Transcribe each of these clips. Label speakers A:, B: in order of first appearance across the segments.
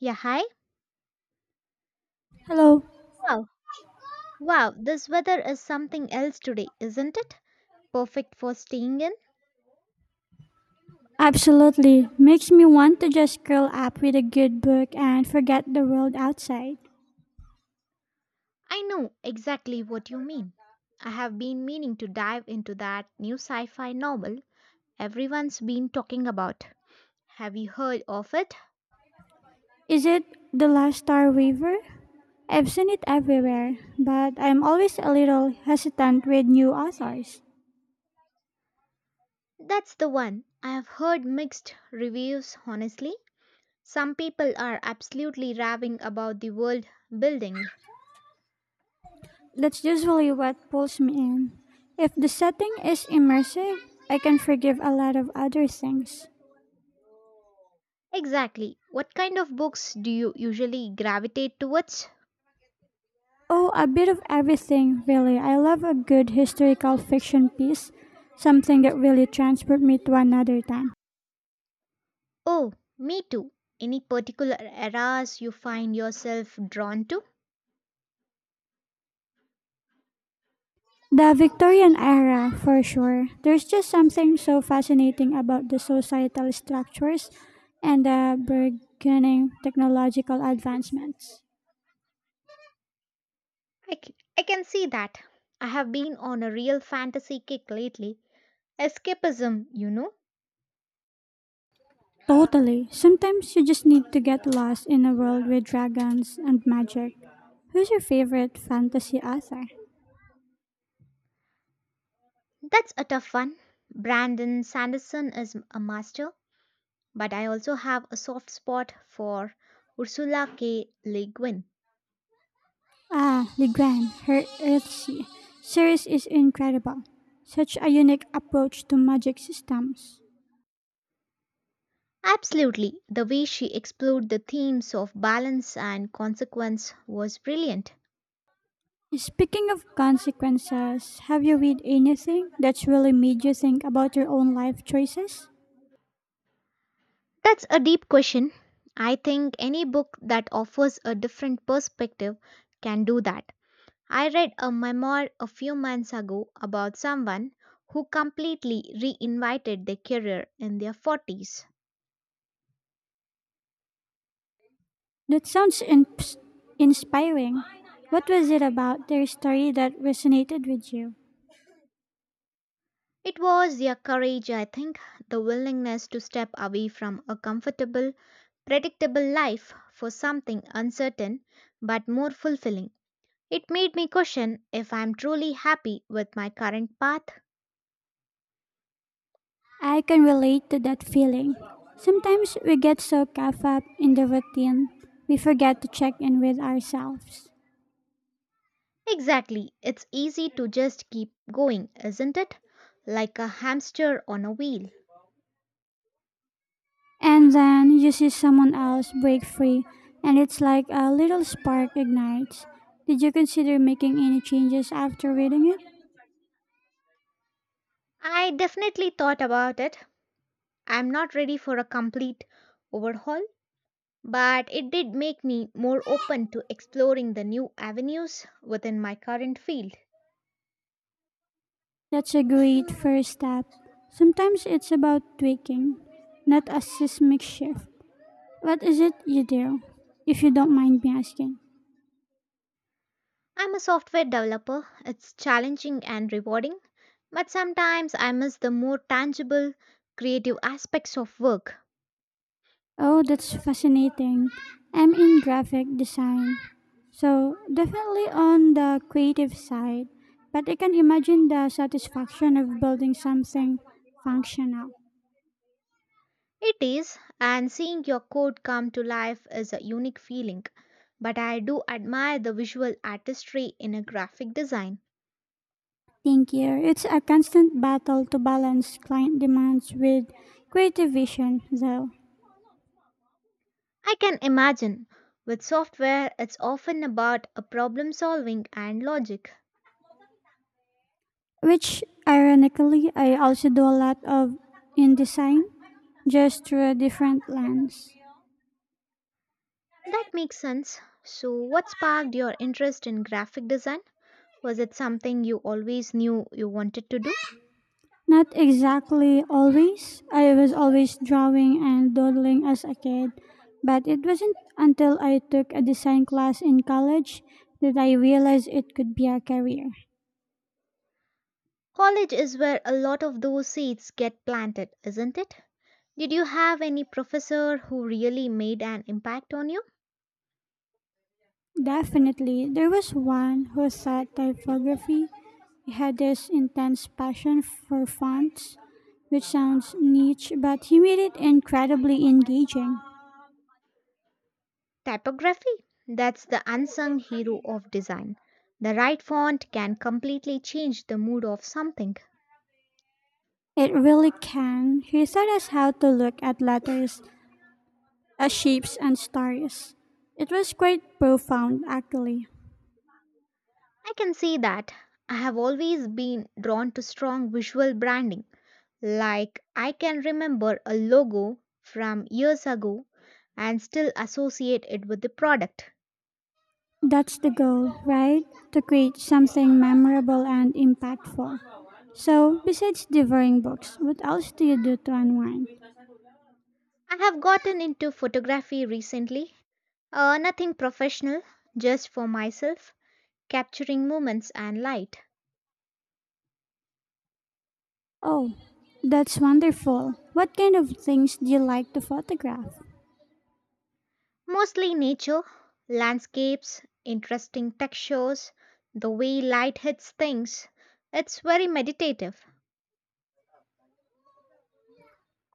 A: Yeah, hi.
B: Hello.
A: Wow. Wow, this weather is something else today, isn't it? Perfect for staying in.
B: Absolutely. Makes me want to just curl up with a good book and forget the world outside.
A: I know exactly what you mean. I have been meaning to dive into that new sci fi novel everyone's been talking about. Have you heard of it?
B: Is it The Last Star Weaver? I've seen it everywhere, but I'm always a little hesitant with new authors.
A: That's the one. I have heard mixed reviews, honestly. Some people are absolutely raving about the world building.
B: That's usually what pulls me in. If the setting is immersive, I can forgive a lot of other things.
A: Exactly. What kind of books do you usually gravitate towards?
B: Oh, a bit of everything, really. I love a good historical fiction piece, something that really transports me to another time.
A: Oh, me too. Any particular eras you find yourself drawn to?
B: The Victorian era, for sure. There's just something so fascinating about the societal structures and the burgeoning technological advancements.
A: I can see that. I have been on a real fantasy kick lately. Escapism,
B: Totally. Sometimes you just need to get lost in a world with dragons and magic. Who's your favorite fantasy author?
A: That's a tough one. Brandon Sanderson is a master, but I also have a soft spot for Ursula K. Le Guin.
B: Ah, Le Guin, her Earthsea series is incredible. Such a unique approach to magic systems.
A: Absolutely, the way she explored the themes of balance and consequence was brilliant.
B: Speaking of consequences, have you read anything that's really made you think about your own life choices?
A: That's a deep question. I think any book that offers a different perspective can do that. I read a memoir a few months ago about someone who completely reinvited their career in their 40s.
B: That sounds inspiring. What was it about their story that resonated with you?
A: It was their courage, I think, the willingness to step away from a comfortable, predictable life for something uncertain but more fulfilling. It made me question if I'm truly happy with my current path.
B: I can relate to that feeling. Sometimes we get so caught up in the routine, we forget to check in with ourselves.
A: Exactly. It's easy to just keep going, isn't it? Like a hamster on a wheel.
B: And then you see someone else break free, and it's like a little spark ignites. Did you consider making any changes after reading it?
A: I definitely thought about it. I'm not ready for a complete overhaul, but it did make me more open to exploring the new avenues within my current field.
B: That's a great first step. Sometimes it's about tweaking, not a seismic shift. What is it you do, if you don't mind me asking?
A: I'm a software developer. It's challenging and rewarding, but sometimes I miss the more tangible, creative aspects of work.
B: Oh, that's fascinating. I'm in graphic design, so definitely on the creative side, but I can imagine the satisfaction of building something functional.
A: It is, and seeing your code come to life is a unique feeling, but I do admire the visual artistry in a graphic design.
B: Thank you. It's a constant battle to balance client demands with creative vision, though.
A: I can imagine with software, it's often about a problem solving and logic.
B: Which ironically I also do a lot of in design, just through a different lens.
A: That makes sense. So, what sparked your interest in graphic design? Was it something you always knew you wanted to do?
B: Not exactly always. I was always drawing and doodling as a kid, but it wasn't until I took a design class in college that I realized it could be a career.
A: College is where a lot of those seeds get planted, isn't it? Did you have any professor who really made an impact on you?
B: Definitely, there was one who thought typography had this intense passion for fonts, which sounds niche, but he made it incredibly engaging.
A: Typography? That's the unsung hero of design. The right font can completely change the mood of something.
B: It really can. He taught us how to look at letters as shapes and stars. It was quite profound, actually.
A: I can see that. I have always been drawn to strong visual branding. Like, I can remember a logo from years ago and still associate it with the product.
B: That's the goal, right? To create something memorable and impactful. So, besides devouring books, what else do you do to unwind?
A: I have gotten into photography recently. Nothing professional, just for myself, capturing moments and light.
B: Oh, that's wonderful. What kind of things do you like to photograph?
A: Mostly nature, landscapes, interesting textures, the way light hits things. It's very meditative.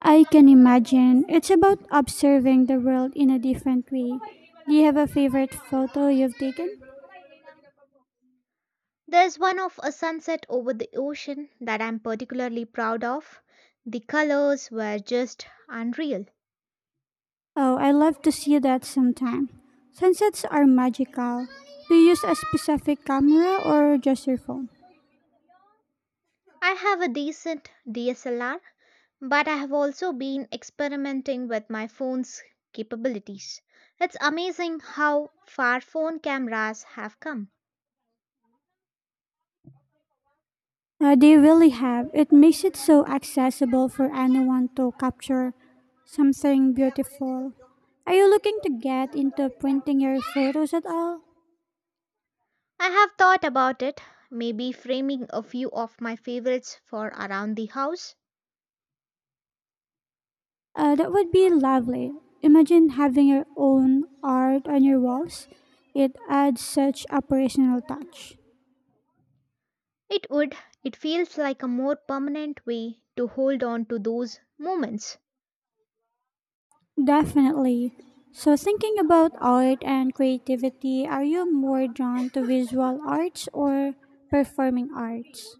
B: I can imagine. It's about observing the world in a different way. Do you have a favorite photo you've taken?
A: There's one of a sunset over the ocean that I'm particularly proud of. The colors were just unreal.
B: Oh, I love to see that sometime. Sunsets are magical. Do you use a specific camera or just your phone?
A: I have a decent DSLR, but I have also been experimenting with my phone's capabilities. It's amazing how far phone cameras have come.
B: They really have. It makes it so accessible for anyone to capture something beautiful. Are you looking to get into printing your photos at all?
A: I have thought about it, maybe framing a few of my favorites for around the house.
B: That would be lovely. Imagine having your own art on your walls. It adds such a personal touch.
A: It would, it feels like a more permanent way to hold on to those moments.
B: Definitely. So, thinking about art and creativity, are you more drawn to visual arts or performing arts?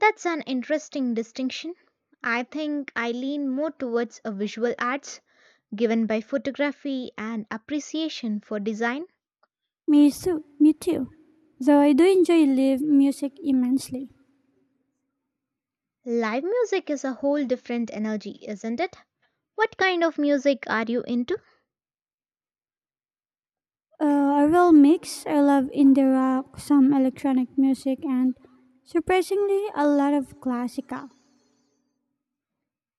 A: That's an interesting distinction. I think I lean more towards a visual arts given by photography and appreciation for design.
B: Me too. Me too. Though I do enjoy live music immensely.
A: Live music is a whole different energy, isn't it? What kind of music are you into?
B: Uh, a real mix. I love indie rock, some electronic music, and surprisingly, a lot of classical.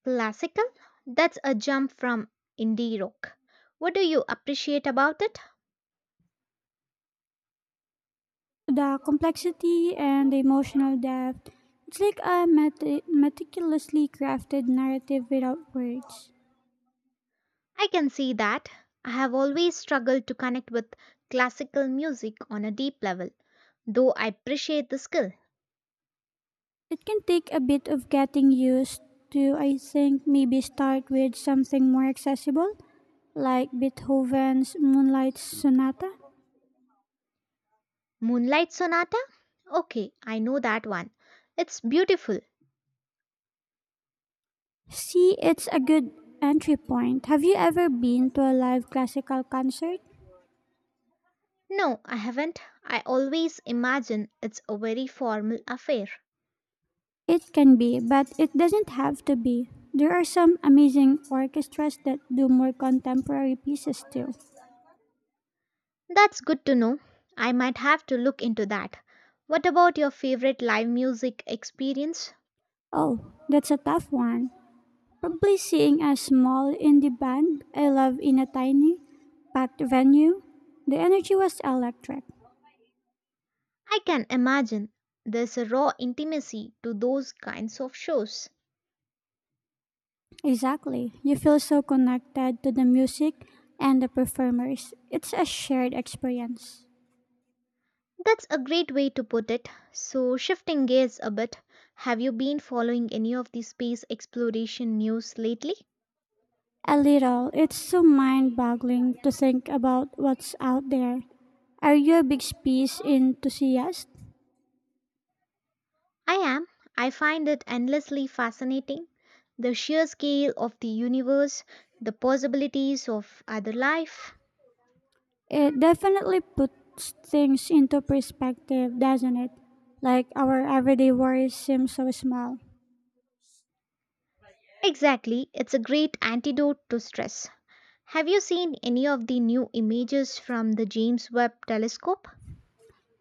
A: Classical? That's a jump from indie rock. What do you appreciate about it?
B: The complexity and the emotional depth. It's like a meticulously crafted narrative without words.
A: I can see that. I have always struggled to connect with classical music on a deep level, though I appreciate the skill.
B: It can take a bit of getting used to, I think maybe start with something more accessible, like Beethoven's Moonlight Sonata.
A: Moonlight Sonata? Okay, I know that one. It's beautiful.
B: See, it's a good entry point. Have you ever been to a live classical concert?
A: No, I haven't. I always imagine it's a very formal affair.
B: It can be, but it doesn't have to be. There are some amazing orchestras that do more contemporary pieces too.
A: That's good to know. I might have to look into that. What about your favorite live music experience?
B: Oh, that's a tough one. Probably seeing a small indie band I love in a tiny packed venue, the energy was electric.
A: I can imagine there's a raw intimacy to those kinds of shows.
B: Exactly. You feel so connected to the music and the performers. It's a shared experience.
A: That's a great way to put it. So, shifting gears a bit, have you been following any of the space exploration news lately?
B: A little. It's so mind boggling to think about what's out there. Are you a big space enthusiast?
A: I am. I find it endlessly fascinating. The sheer scale of the universe, the possibilities of other life.
B: It definitely puts things into perspective, doesn't it? Like our everyday worries seem so small.
A: Exactly, it's a great antidote to stress. Have you seen any of the new images from the James Webb telescope?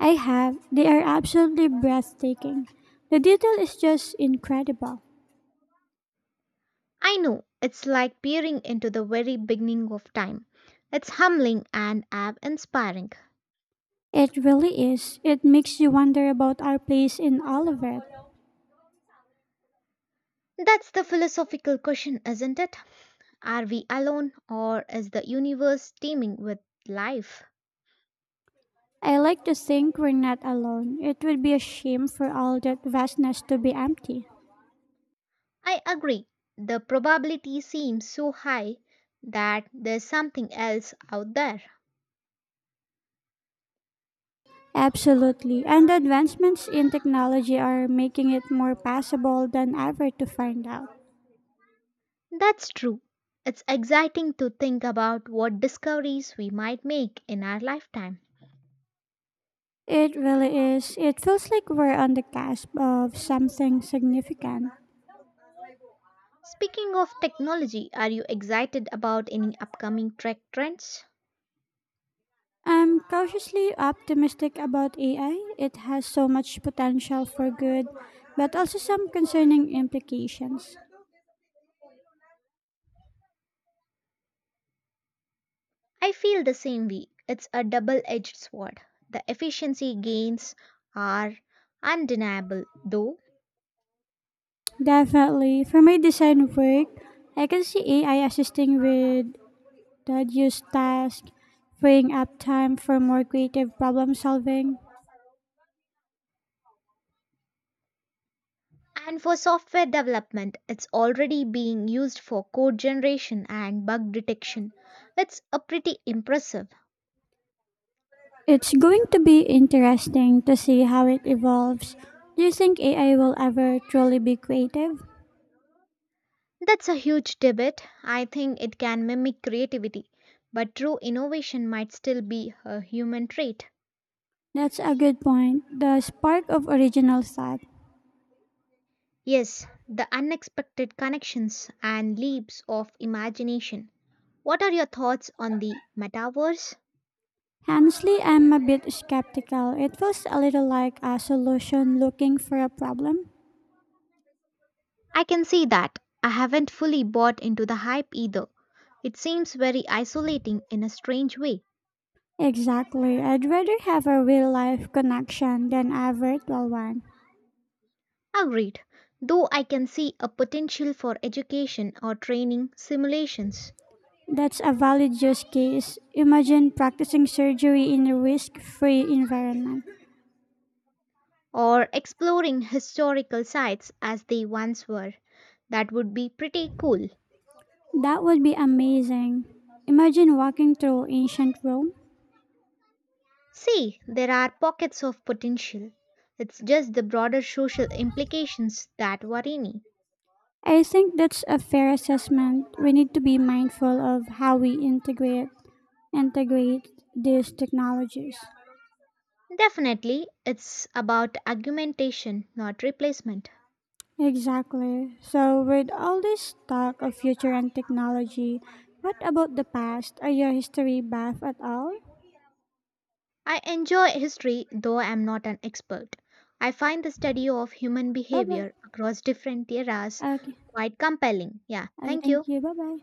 B: I have. They are absolutely breathtaking. The detail is just incredible.
A: I know it's like peering into the very beginning of time. It's humbling and awe inspiring.
B: It really is. It makes you wonder about our place in all of it.
A: That's the philosophical question, isn't it? Are we alone or is the universe teeming with life?
B: I like to think we're not alone. It would be a shame for all that vastness to be empty.
A: I agree. The probability seems so high that there's something else out there.
B: Absolutely. And the advancements in technology are making it more possible than ever to find out.
A: That's true. It's exciting to think about what discoveries we might make in our lifetime.
B: It really is. It feels like we're on the cusp of something significant.
A: Speaking of technology, are you excited about any upcoming tech trends?
B: I'm cautiously optimistic about AI. It has so much potential for good, but also some concerning implications.
A: I feel the same way. It's a double edged sword. The efficiency gains are undeniable, though.
B: Definitely. For my design work, I can see AI assisting with tedious tasks, freeing up time for more creative problem solving.
A: And for software development, it's already being used for code generation and bug detection. It's a pretty impressive.
B: It's going to be interesting to see how it evolves. Do you think AI will ever truly be creative?
A: That's a huge debate. I think it can mimic creativity, but true innovation might still be a human trait.
B: That's a good point. The spark of original thought.
A: Yes, the unexpected connections and leaps of imagination. What are your thoughts on the metaverse?
B: Honestly, I'm a bit skeptical. It feels a little like a solution looking for a problem.
A: I can see that. I haven't fully bought into the hype either. It seems very isolating in a strange way.
B: Exactly. I'd rather have a real life connection than a virtual one.
A: Agreed. Though I can see a potential for education or training simulations
B: That's a valid use case. Imagine practicing surgery in a risk free environment.
A: or exploring historical sites as they once were. That would be pretty cool.
B: That would be amazing. Imagine walking through ancient Rome.
A: See, there are pockets of potential. It's just the broader social implications that worry me.
B: I think that's a fair assessment. We need to be mindful of how we integrate these technologies.
A: Definitely, it's about argumentation, not replacement.
B: Exactly. So, with all this talk of future and technology, what about the past? Are you a history buff at all?
A: I enjoy history, though I'm not an expert. I find the study of human
B: Bye bye.
A: behavior across different eras
B: Okay.
A: quite compelling. Yeah,
B: I
A: thank
B: thank
A: you.
B: you. Bye bye.